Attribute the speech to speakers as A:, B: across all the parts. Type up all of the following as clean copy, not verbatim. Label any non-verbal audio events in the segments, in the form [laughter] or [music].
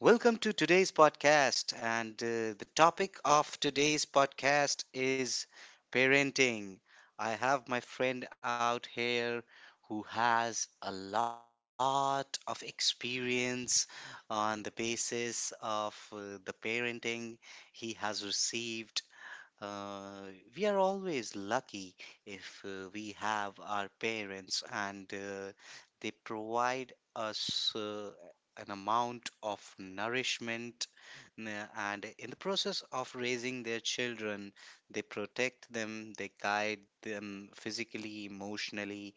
A: Welcome to today's podcast. And the topic of today's podcast is parenting. I have my friend out here who has a lot of experience on the basis of the parenting he has received. Uh, we are always lucky if we have our parents, and they provide us an amount of nourishment. And in the process of raising their children, they protect them, they guide them physically, emotionally,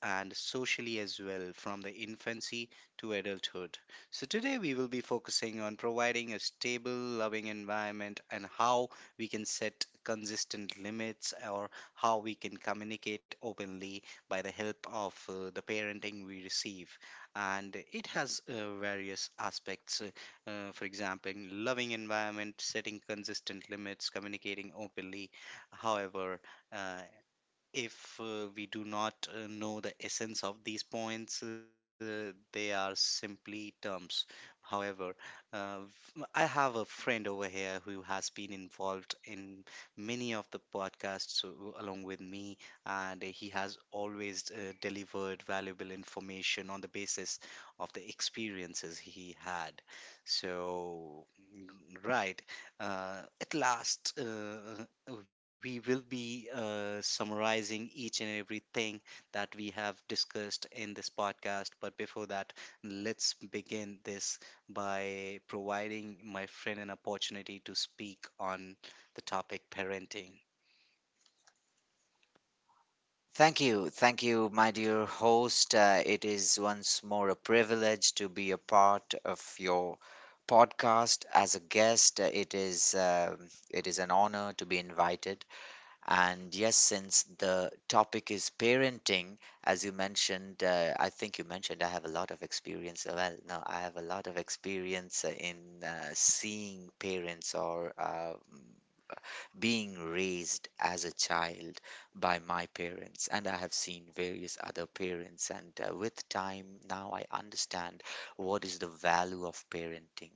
A: and socially as well from the infancy to adulthood. So, today we will be focusing on providing a stable, loving environment, and how we can set consistent limits, or how we can communicate openly by the help of the parenting we receive. And it has various aspects, for example, loving environment, setting consistent limits, communicating openly. However, uh, if we do not know the essence of these points, they are simply terms. However, uh, I have a friend over here who has been involved in many of the podcasts along with me, and he has always delivered valuable information on the basis of the experiences he had. So, mm, right, at last, we will be summarizing each and everything that we have discussed in this podcast. But before that, let's begin this by providing my friend an opportunity to speak on the topic parenting.
B: Thank you. Thank you, my dear host. It is once more a privilege to be a part of your podcast as a guest. It is an honor to be invited. And yes, since the topic is parenting, as you mentioned, I think you mentioned I have a lot of experience. Well, no, I have a lot of experience in seeing parents or being raised as a child by my parents, and I have seen various other parents, and with time, now I understand what is the value of parenting.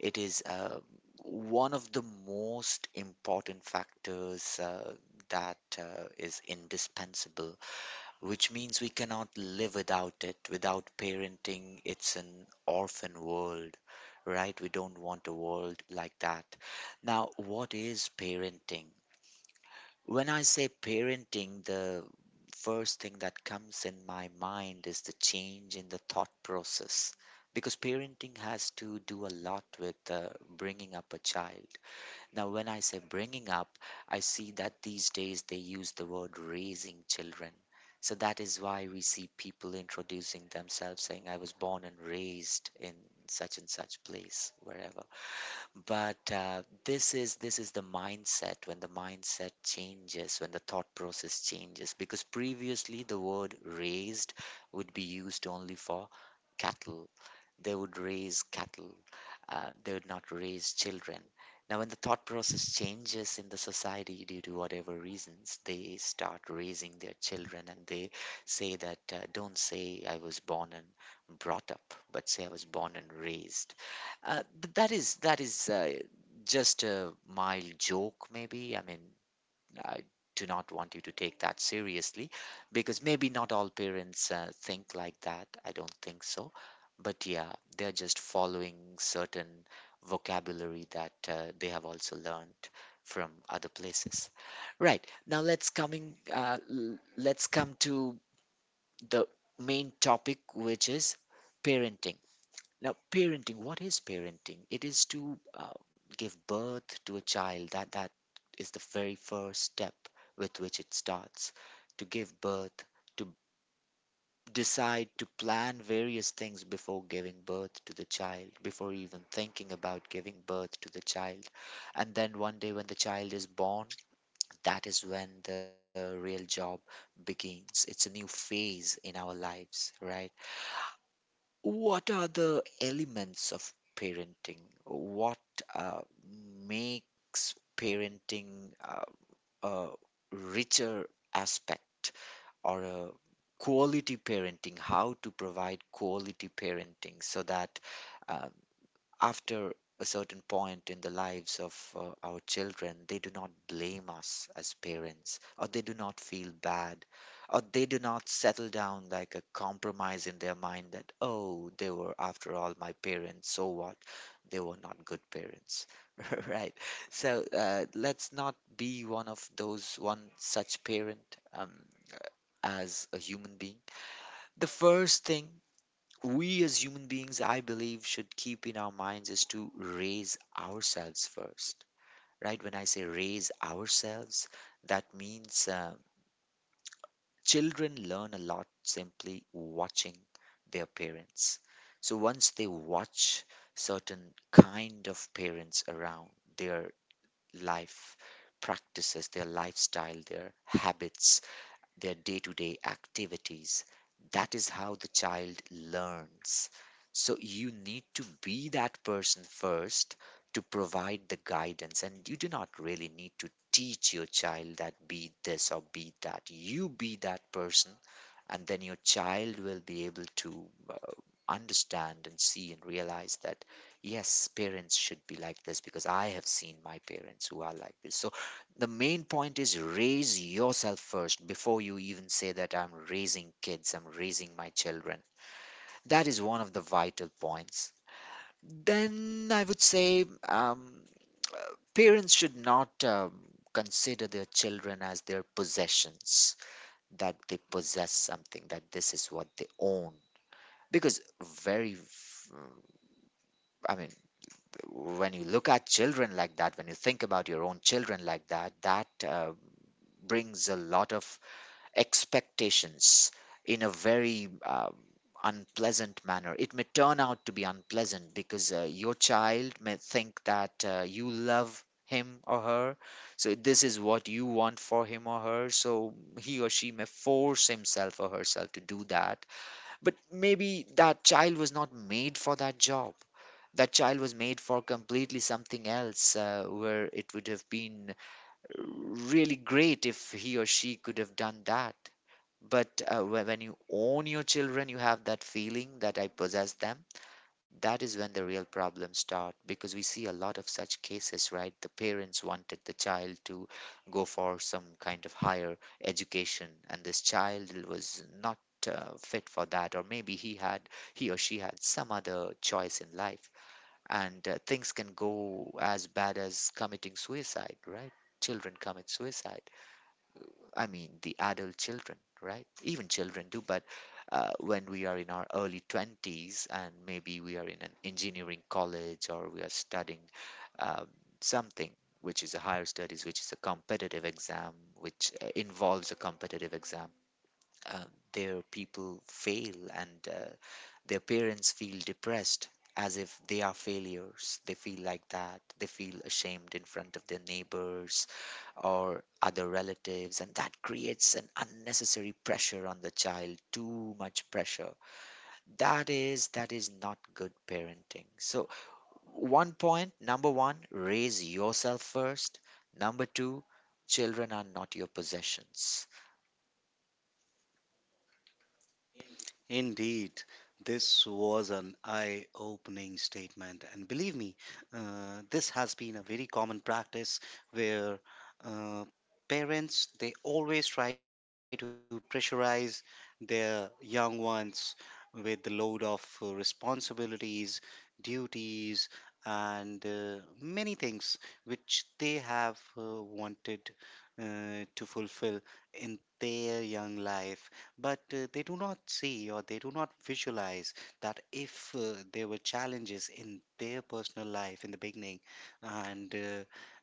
B: It is one of the most important factors that is indispensable, which means we cannot live without it, without parenting. It's an orphan world, right? We don't want a world like that. Now, what is parenting? When I say parenting, the first thing that comes in my mind is the change in the thought process. Because parenting has to do a lot with bringing up a child. Now, when I say bringing up, I see that these days they use the word raising children. So that is why we see people introducing themselves saying, I was born and raised in such and such place, wherever. But this is the mindset. When the mindset changes, when the thought process changes, because previously the word raised would be used only for cattle. They would raise cattle, they would not raise children. Now, when the thought process changes in the society due to whatever reasons, they start raising their children, and they say that don't say I was born and brought up, but say I was born and raised. That is just a mild joke, maybe. I mean, I do not want you to take that seriously, because maybe not all parents think like that. I don't think so. But yeah, they're just following certain vocabulary that they have also learned from other places. Right. Now let's come to the main topic, which is parenting. Now, parenting, what is parenting? It is to give birth to a child. That is the very first step with which it starts. To give birth, to decide, to plan various things before giving birth to the child, before even thinking about giving birth to the child. And then one day when the child is born, that is when the real job begins. It's a new phase in our lives, right? What are the elements of parenting? What uh, makes parenting a richer aspect, or a quality parenting? How to provide quality parenting so that uh, after a certain point in the lives of our children, they do not blame us as parents, or they do not feel bad, or they do not settle down like a compromise in their mind that, oh, they were after all my parents, so what? They were not good parents. [laughs] Right. So let's not be one of those, one such parent, um, as a human being. The first thing we as human beings, I believe, should keep in our minds is to raise ourselves first, right? When I say raise ourselves, that means children learn a lot simply watching their parents. So once they watch certain kind of parents around, their life practices, their lifestyle, their habits, their day to day activities, that is how the child learns. So you need to be that person first to provide the guidance. And you do not really need to teach your child that be this or be that. You be that person, and then your child will be able to uh, understand and see and realize that yes, parents should be like this because I have seen my parents who are like this. So the main point is raise yourself first before you even say that I'm raising kids, I'm raising my children. That is one of the vital points. Then I would say parents should not consider their children as their possessions, that they possess something, that this is what they own. Because very, f- I mean, when you look at children like that, when you think about your own children like that, that brings a lot of expectations in a very unpleasant manner. It may turn out to be unpleasant because your child may think that you love him or her. So this is what you want for him or her. So he or she may force himself or herself to do that. But maybe that child was not made for that job. That child was made for completely something else, where it would have been really great if he or she could have done that. But when you own your children, you have that feeling that I possess them. That is when the real problems start, because we see a lot of such cases, right? The parents wanted the child to go for some kind of higher education, and this child was not fit for that, or maybe he or she had some other choice in life, and things can go as bad as committing suicide, right? Children commit suicide, I mean, the adult children, right? Even children do, but when we are in our early 20s and maybe we are in an engineering college, or we are studying um, something which is a higher studies, which is a competitive exam, which involves a competitive exam, uh, their people fail, and their parents feel depressed as if they are failures. They feel like that. They feel ashamed in front of their neighbors or other relatives, and that creates an unnecessary pressure on the child, too much pressure. That is not good parenting. So, one point, number one, raise yourself first. Number two, children are not your possessions.
A: Indeed, this was an eye opening statement. And believe me, this has been a very common practice where uh, parents, they always try to pressurize their young ones with the load of responsibilities, duties, and many things which they have wanted to fulfill in their young life. But they do not see, or they do not visualize, that if there were challenges in their personal life in the beginning, and uh,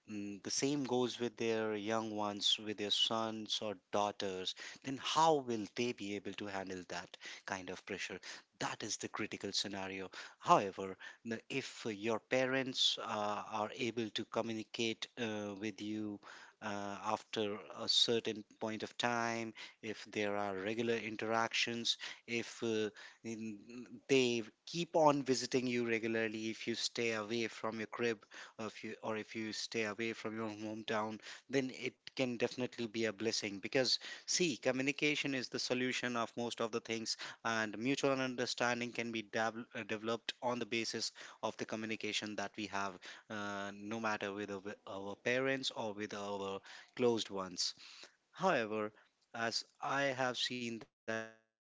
A: mm, the same goes with their young ones, with their sons or daughters, then how will they be able to handle that kind of pressure? That is the critical scenario. However, if your parents are able to communicate with you after a certain point of time, if there are regular interactions, if in- they keep on visiting you regularly, if you stay away from your crib, or if you stay away from your hometown, then it can definitely be a blessing. Because see, communication is the solution of most of the things, and mutual understanding can be developed on the basis of the communication that we have, no matter with our parents or with our closed ones. However, as I have seen that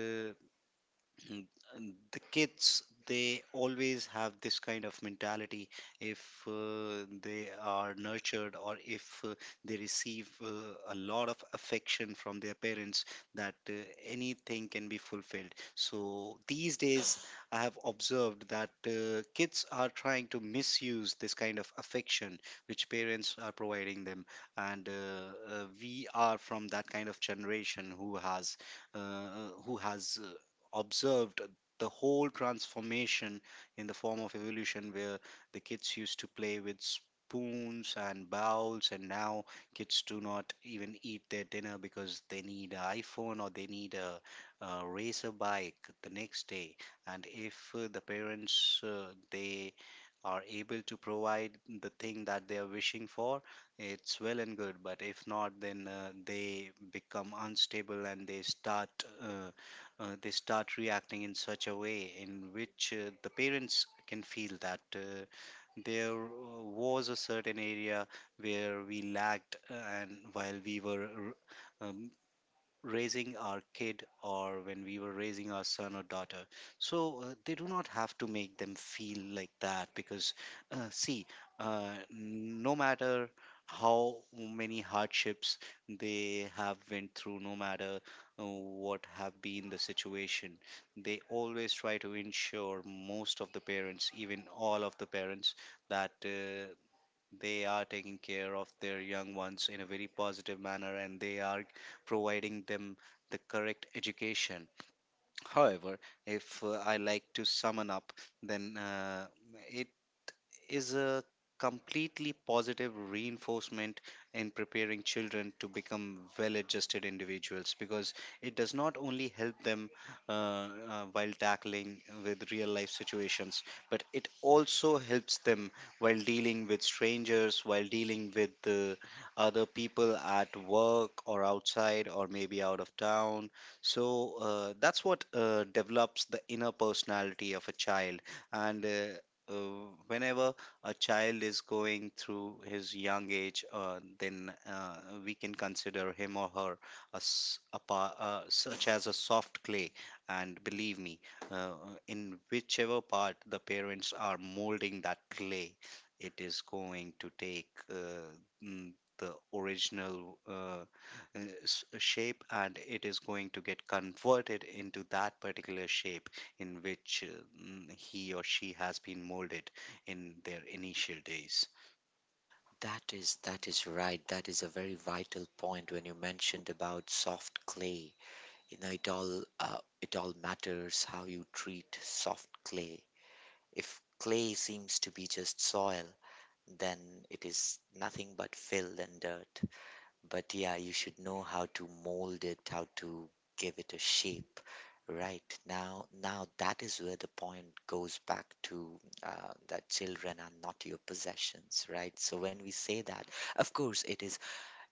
A: Mm, and the kids, they always have this kind of mentality. If they are nurtured, or if they receive a lot of affection from their parents, that anything can be fulfilled. So these days I have observed that kids are trying to misuse this kind of affection which parents are providing them. And we are from that kind of generation who has uh, who has uh, observed the whole transformation in the form of evolution, where the kids used to play with spoons and bowls, and now kids do not even eat their dinner because they need an iphone, or they need a racer bike the next day. And if the parents they are able to provide the thing that they are wishing for, it's well and good. But if not, then they become unstable and they start uh, reacting in such a way in which the parents can feel that there was a certain area where we lacked, and while we were r- um, raising our kid, or when we were raising our son or daughter. So they do not have to make them feel like that, because see, no matter how many hardships they have went through, no matter what have been the situation, they always try to ensure, most of the parents, even all of the parents, that they are taking care of their young ones in a very positive manner, and they are providing them the correct education. However, if I like to summon up, then it is a completely positive reinforcement in preparing children to become well adjusted individuals, because it does not only help them while tackling with real life situations, but it also helps them while dealing with strangers, while dealing with other people at work or outside or maybe out of town. So that's what develops the inner personality of a child. And whenever a child is going through his young age, then we can consider him or her as a such as a soft clay. And believe me, uh, in whichever part the parents are molding that clay, it is going to take mm, the original shape, and it is going to get converted into that particular shape in which he or she has been molded in their initial days.
B: That is right. That is a very vital point when you mentioned about soft clay. You know, it all matters how you treat soft clay. If clay seems to be just soil, then it is nothing but fill and dirt. But yeah, you should know how to mold it, how to give it a shape. Right, now, now that is where the point goes back to that children are not your possessions, right? So when we say that, of course, it is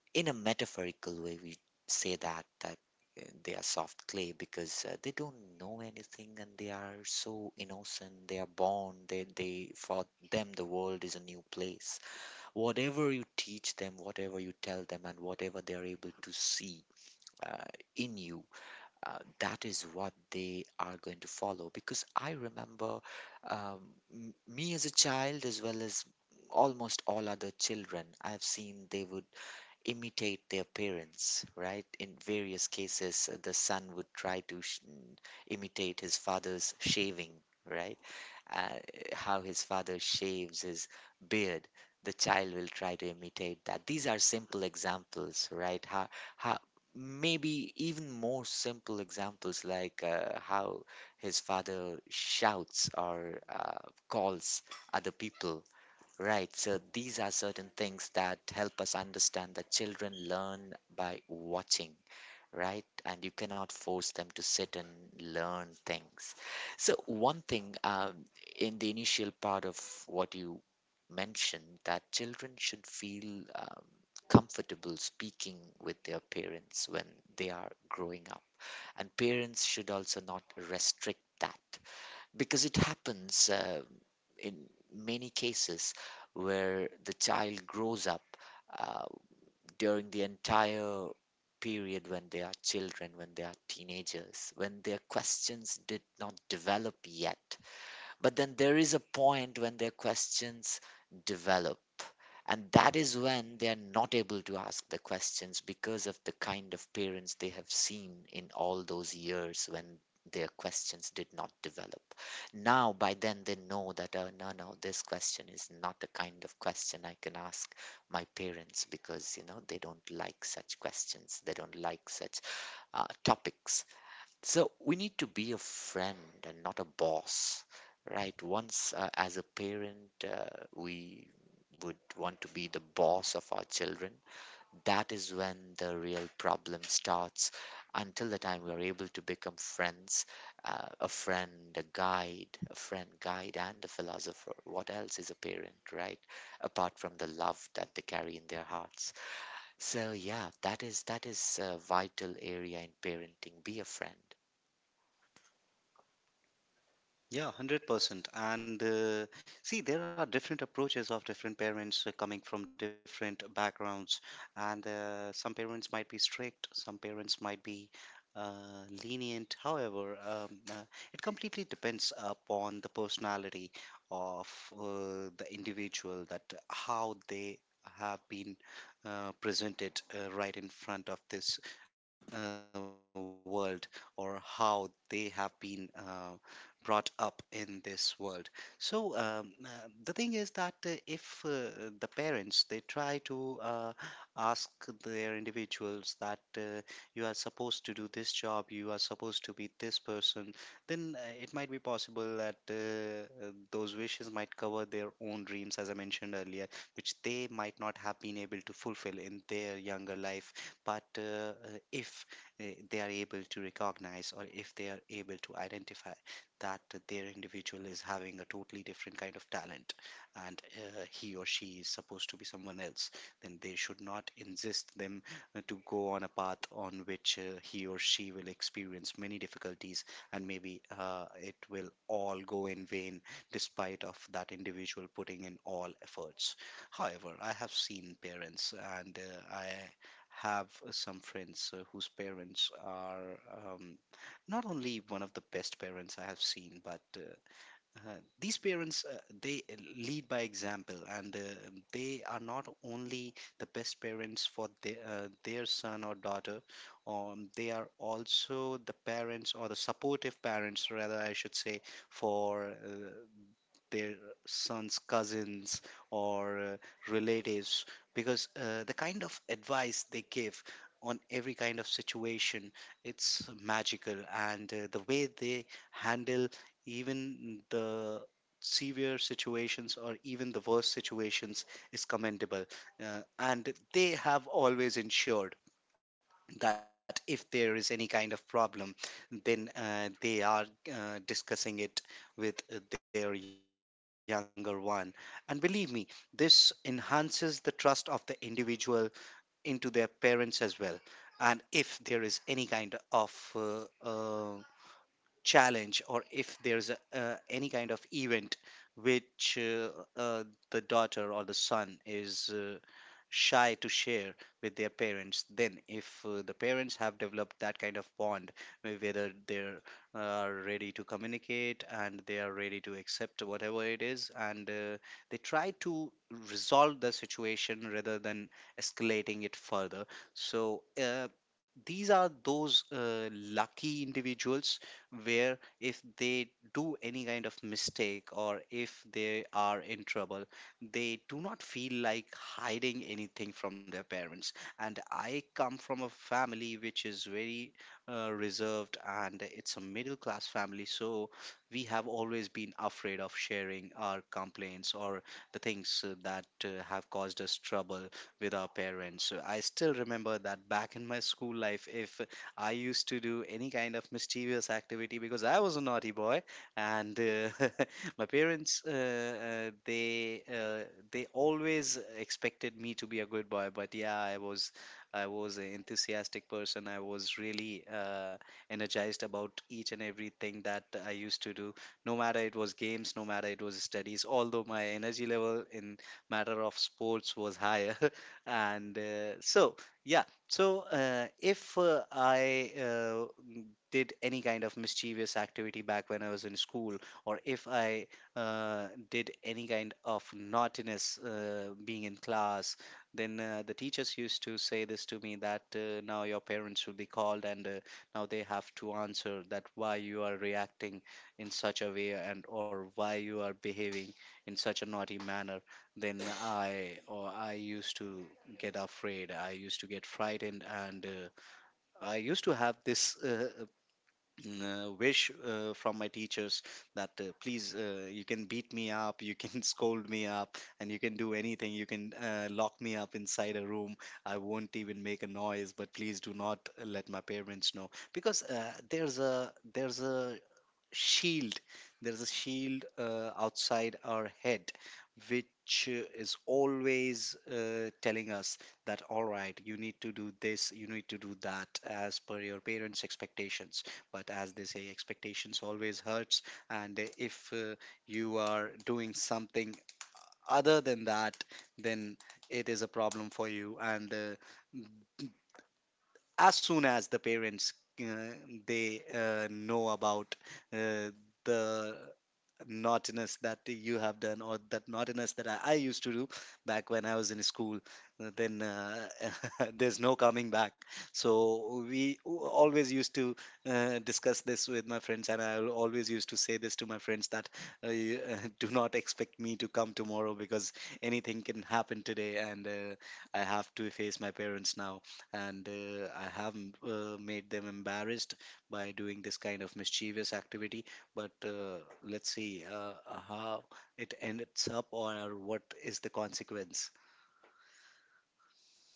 B: in a metaphorical way we say that they are soft clay because they don't know anything and they are so innocent. They are born. They, for them, the world is a new place. Whatever you teach them, whatever you tell them, and whatever they're able to see uh, in you, that is what they are going to follow. Because I remember, um, me as a child, as well as almost all other children, I've seen they would imitate their parents, right? In various cases, the son would try to imitate his father's shaving. Right, uh, how his father shaves his beard, the child will try to imitate that. These are simple examples, right? How, maybe even more simple examples, like how his father shouts or calls other people, right? So these are certain things that help us understand that children learn by watching, right? And you cannot force them to sit and learn things. So, one thing, in the initial part of what you mentioned, that children should feel comfortable speaking with their parents when they are growing up. And parents should also not restrict that, because it happens in many cases where the child grows up. Uh, During the entire period when they are children, when they are teenagers, when their questions did not develop yet. But then there is a point when their questions develop. And that is when they are not able to ask the questions because of the kind of parents they have seen in all those years when their questions did not develop. Now, by then, they know that, no, no, this question is not the kind of question I can ask my parents because, you know, they don't like such questions. They don't like such topics. So we need to be a friend and not a boss, right? Once as a parent, we would want to be the boss of our children. That is when the real problem starts. Until the time we are able to become friends, uh, a friend, a guide, a friend, guide, and a philosopher. What else is a parent, right? Apart from the love that they carry in their hearts. So yeah, that is a vital area in parenting. Be a friend.
A: Yeah, 100%. And see, there are different approaches of different parents coming from different backgrounds. And some parents might be strict, some parents might be lenient. However, it completely depends upon the personality of the individual, that how they have been presented right in front of this world, or how they have been brought up in this world. So the thing is that if the parents, they try to ask their individuals that you are supposed to do this job, you are supposed to be this person, then it might be possible that those wishes might cover their own dreams, as I mentioned earlier, which they might not have been able to fulfill in their younger life. But if they are able to recognize, or if they are able to identify, that their individual is having a totally different kind of talent, and he or she is supposed to be someone else, then they should not insist them to go on a path on which he or she will experience many difficulties, and maybe it will all go in vain despite of that individual putting in all efforts. However, I have seen parents, and I have some friends whose parents are um, not only one of the best parents I have seen, but these parents they lead by example, and they are not only the best parents for their son or daughter, they are also the parents, or the supportive parents, rather I should say, for their son's cousins or relatives. Because the kind of advice they give on every kind of situation, it's magical. And the way they handle even the severe situations, or even the worst situations, is commendable. And they have always ensured that if there is any kind of problem, then they are discussing it with their younger one. And believe me, this enhances the trust of the individual into their parents as well. And if there is any kind of challenge, or if there's any kind of event which uh, the daughter or the son is shy to share with their parents, then if the parents have developed that kind of bond, whether they're ready to communicate and they are ready to accept whatever it is, and they try to resolve the situation rather than escalating it further. So these are those lucky individuals where if they do any kind of mistake, or if they are in trouble, they do not feel like hiding anything from their parents. And I come from a family which is very reserved, and it's a middle class family. So we have always been afraid of sharing our complaints, or the things that have caused us trouble with our parents. So I still remember that back in my school life, if I used to do any kind of mischievous activity because I was a naughty boy and [laughs] [laughs] my parents they always expected me to be a good boy. But yeah, I was an enthusiastic person. I was really energized about each and everything that I used to do, no matter it was games, no matter it was studies, although my energy level in matter of sports was higher. [laughs] And so yeah so if I did any kind of mischievous activity back when I was in school, or if I did any kind of naughtiness being in class, then the teachers used to say this to me that now your parents will be called, and now they have to answer that why you are reacting in such a way, and or why you are behaving in such a naughty manner. Then I used to get afraid. I used to get frightened, and I used to have this wish from my teachers that please, you can beat me up, you can [laughs] scold me up, and you can do anything, you can lock me up inside a room. I won't even make a noise, but please do not let my parents know, because there's a shield, there's a shield outside our head, which is always telling us that all right, you need to do this, you need to do that as per your parents expectations. But as they say, expectations always hurts. And if you are doing something other than that, then it is a problem for you. And as soon as the parents uh, they know about uh, the naughtiness that you have done, or that naughtiness that I used to do back when I was in school, then [laughs] there's no coming back. So we always used to discuss this with my friends, and I always used to say this to my friends that [laughs] do not expect me to come tomorrow, because anything can happen today, and I have to face my parents now, and I have made them embarrassed by doing this kind of mischievous activity. But let's see how it ends up, or what is the consequence.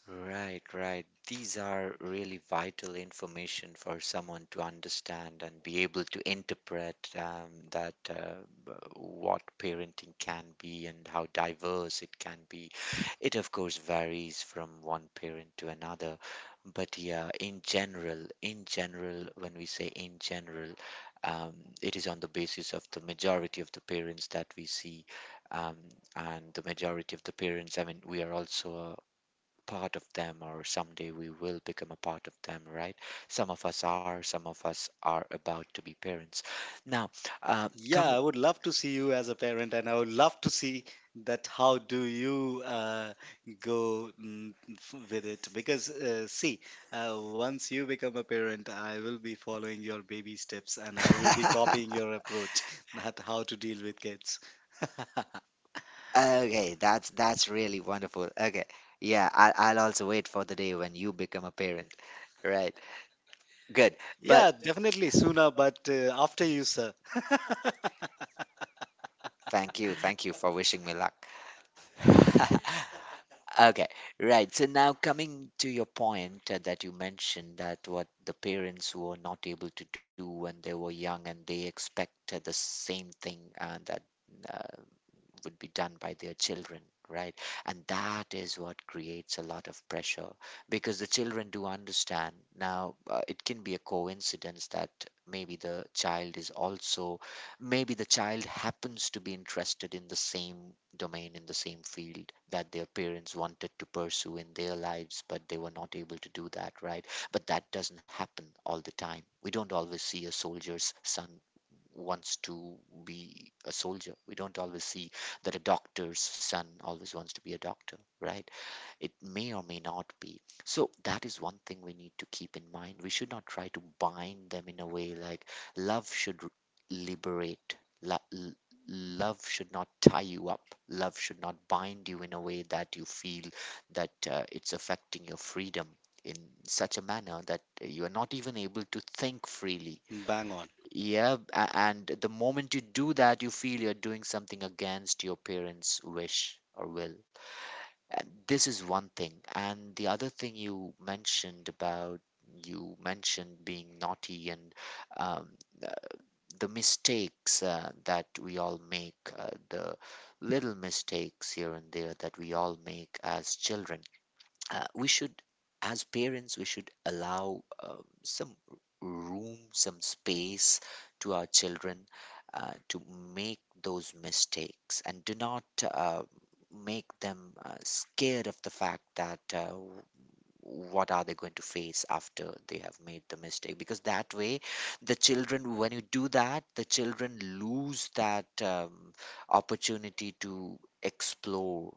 B: Right, right. These are really vital information for someone to understand and be able to interpret what parenting can be and how diverse it can be. It, of course, varies from one parent to another. But yeah, in general, um, it is on the basis of the majority of the parents that we see um, and the majority of the parents, I mean, we are also part of them, or someday we will become a part of them, right? Some of us are about to be parents now.
A: Yeah,
B: Come.
A: I would love to see you as a parent, and I would love to see that how do you go with it. Because see, once you become a parent, I will be following your baby steps and I will be copying your
B: [laughs]
A: approach, not how to deal with kids.
B: Okay, that's really wonderful. Okay, yeah. I'll also wait for the day when you become a parent, right? Good.
A: Yeah,
B: But
A: definitely sooner, but after you, sir.
B: thank you, thank you for wishing me luck. [laughs] Okay, right. So now coming to your point that you mentioned, that what the parents were not able to do when they were young, and they expect the same thing that uh, would be done by their children, right? And that is what creates a lot of pressure, because the children do understand. Now it can be a coincidence that maybe the child is also maybe the child happens to be interested in the same domain, in the same field that their parents wanted to pursue in their lives, but they were not able to do that, right? But that doesn't happen all the time. We don't always see a soldier's son wants to be a soldier. We don't always see that a doctor's son always wants to be a doctor, right? It may or may not be. So that is one thing we need to keep in mind. We should not try to bind them in a way like love should r- liberate. Lo- l- Love should not tie you up. Love should not bind you in a way that you feel that it's affecting your freedom in such a manner that you are not even able to think freely.
A: [laughs] Bang on.
B: Yeah, and the moment you do that, you feel you're doing something against your parents' wish or will. And this is one thing. And the other thing you mentioned about, you mentioned being naughty, and um, uh, the mistakes that we all make, the little mistakes here and there that we all make as children, we should as parents we should allow room, some space to our children to make those mistakes, and do not uh, make them scared of the fact that what are they going to face after they have made the mistake. Because that way, the children lose that opportunity to explore.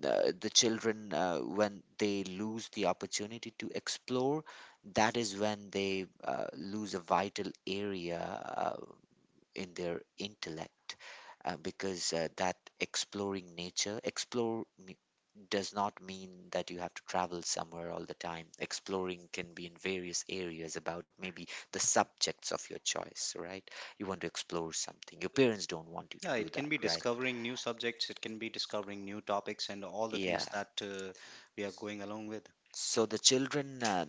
B: The children when they lose the opportunity to explore, that is when they lose a vital area in their intellect. Because that exploring nature, does not mean that you have to travel somewhere all the time. Exploring can be in various areas, about maybe the subjects of your choice, right? You want to explore something your parents don't want you
A: Yeah,
B: to do
A: it
B: that,
A: can be
B: right?
A: discovering new subjects, it can be discovering new topics, and all the
B: Yeah,
A: things that we are going along with.
B: so the children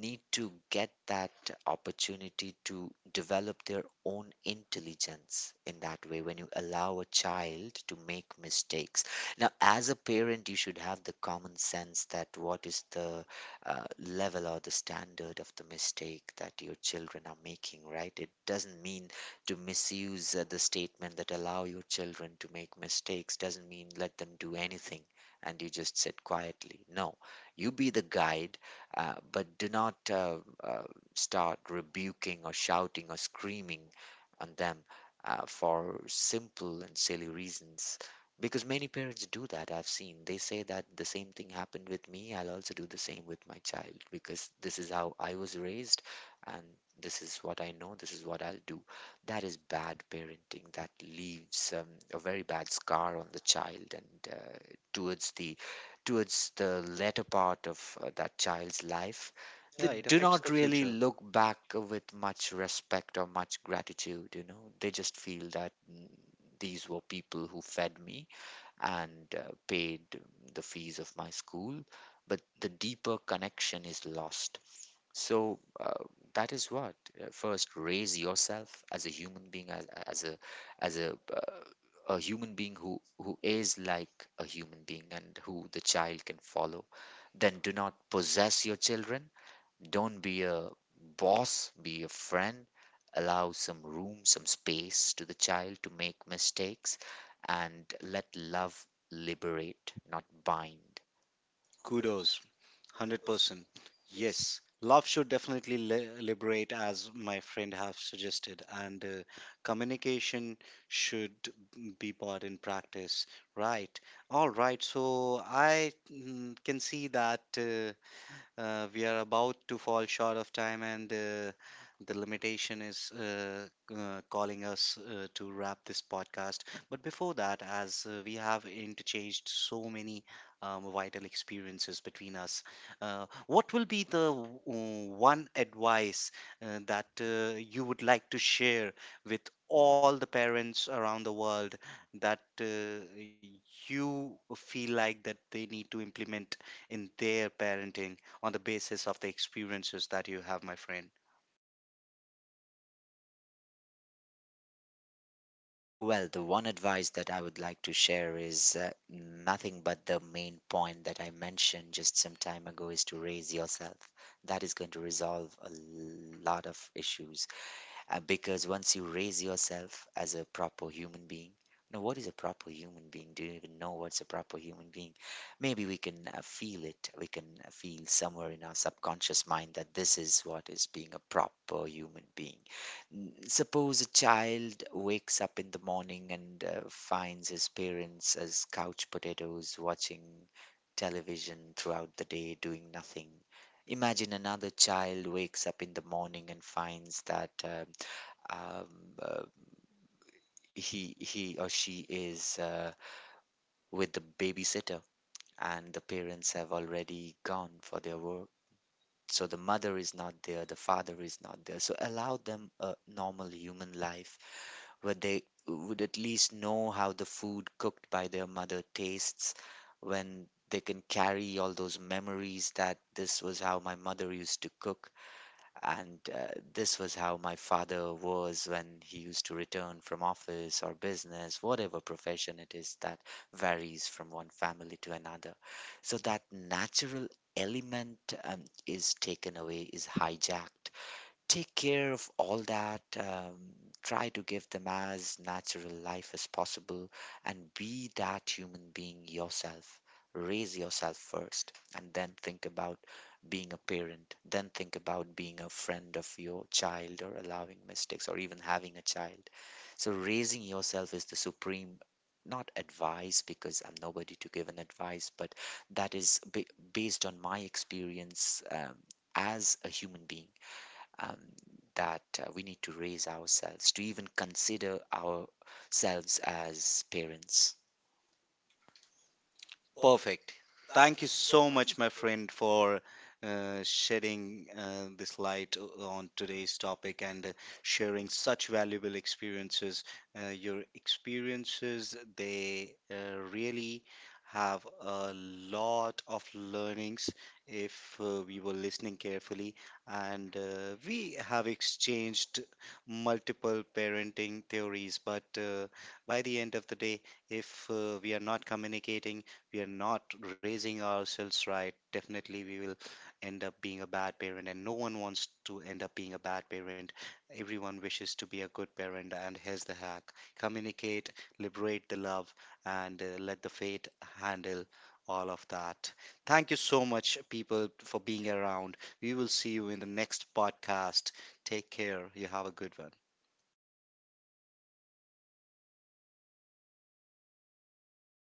B: need to get that opportunity to develop their own intelligence in that way, when you allow a child to make mistakes. Now, as a parent, you should have the common sense that what is the level or the standard of the mistake that your children are making, right? It doesn't mean, to misuse the statement that allow your children to make mistakes, doesn't mean let them do anything and you just sit quietly. No, you be the guide, but do not uh, start rebuking or shouting or screaming on them for simple and silly reasons. Because many parents do that, I've seen. They say that the same thing happened with me, I'll also do the same with my child, because this is how I was raised, and this is what I know, this is what I'll do. That is bad parenting. That leaves a very bad scar on the child, and towards the, towards the later part of that child's life,
A: Yeah,
B: they
A: it
B: do
A: affects the
B: not really
A: future.
B: look back with much respect or much gratitude. You know, they just feel that, "Mm, these were people who fed me and paid the fees of my school," but the deeper connection is lost. So that is what, first raise yourself as a human being, as a, as a, a human being who is like a human being and who the child can follow. Then do not possess your children. Don't be a boss. Be a friend. Allow some room, some space to the child to make mistakes, and let love liberate, not bind.
A: Kudos, 100%. Yes, love should definitely liberate, as my friend have suggested, and communication should be brought in practice. Right. All right. So I can see that. We are about to fall short of time, and the limitation is calling us to wrap this podcast. But before that, as we have interchanged so many vital experiences between us, what will be the one advice that you would like to share with all the parents around the world that you feel like that they need to implement in their parenting, on the basis of the experiences that you have, my friend?
B: Well, the one advice that I would like to share is nothing but the main point that I mentioned just some time ago, is to raise yourself. That is going to resolve a lot of issues. Because once you raise yourself as a proper human being, now what is a proper human being? Do you even know what's a proper human being? Maybe we can feel it. We can feel somewhere in our subconscious mind that this is what is being a proper human being. Suppose a child wakes up in the morning and finds his parents as couch potatoes watching television throughout the day, doing nothing. Imagine another child wakes up in the morning and finds that um, uh, he or she is with the babysitter, and the parents have already gone for their work. So the mother is not there, the father is not there. So allow them a normal human life, where they would at least know how the food cooked by their mother tastes, when they can carry all those memories that this was how my mother used to cook. And this was how my father was when he used to return from office or business, whatever profession it is that varies from one family to another. So that natural element is taken away, is hijacked. Take care of all that. Try to give them as natural life as possible, and be that human being yourself. Raise yourself first, and then think about being a parent. Then think about being a friend of your child, or allowing mistakes, or even having a child. So, raising yourself is the supreme, not advice, because I'm nobody to give an advice, but that is based on my experience as a human being, um, that we need to raise ourselves to even consider ourselves as parents.
A: Perfect. Thank you so much, my friend, for shedding this light on today's topic, and sharing such valuable experiences. Your experiences, they really have a lot of learnings if we were listening carefully. And we have exchanged multiple parenting theories, but by the end of the day, if we are not communicating, we are not raising ourselves right, definitely we will end up being a bad parent. And no one wants to end up being a bad parent. Everyone wishes to be a good parent. And here's the hack: communicate, liberate the love, and let the fate handle all of that. Thank you so much, people, for being around. We will see you in the next podcast. Take care. You have a good one.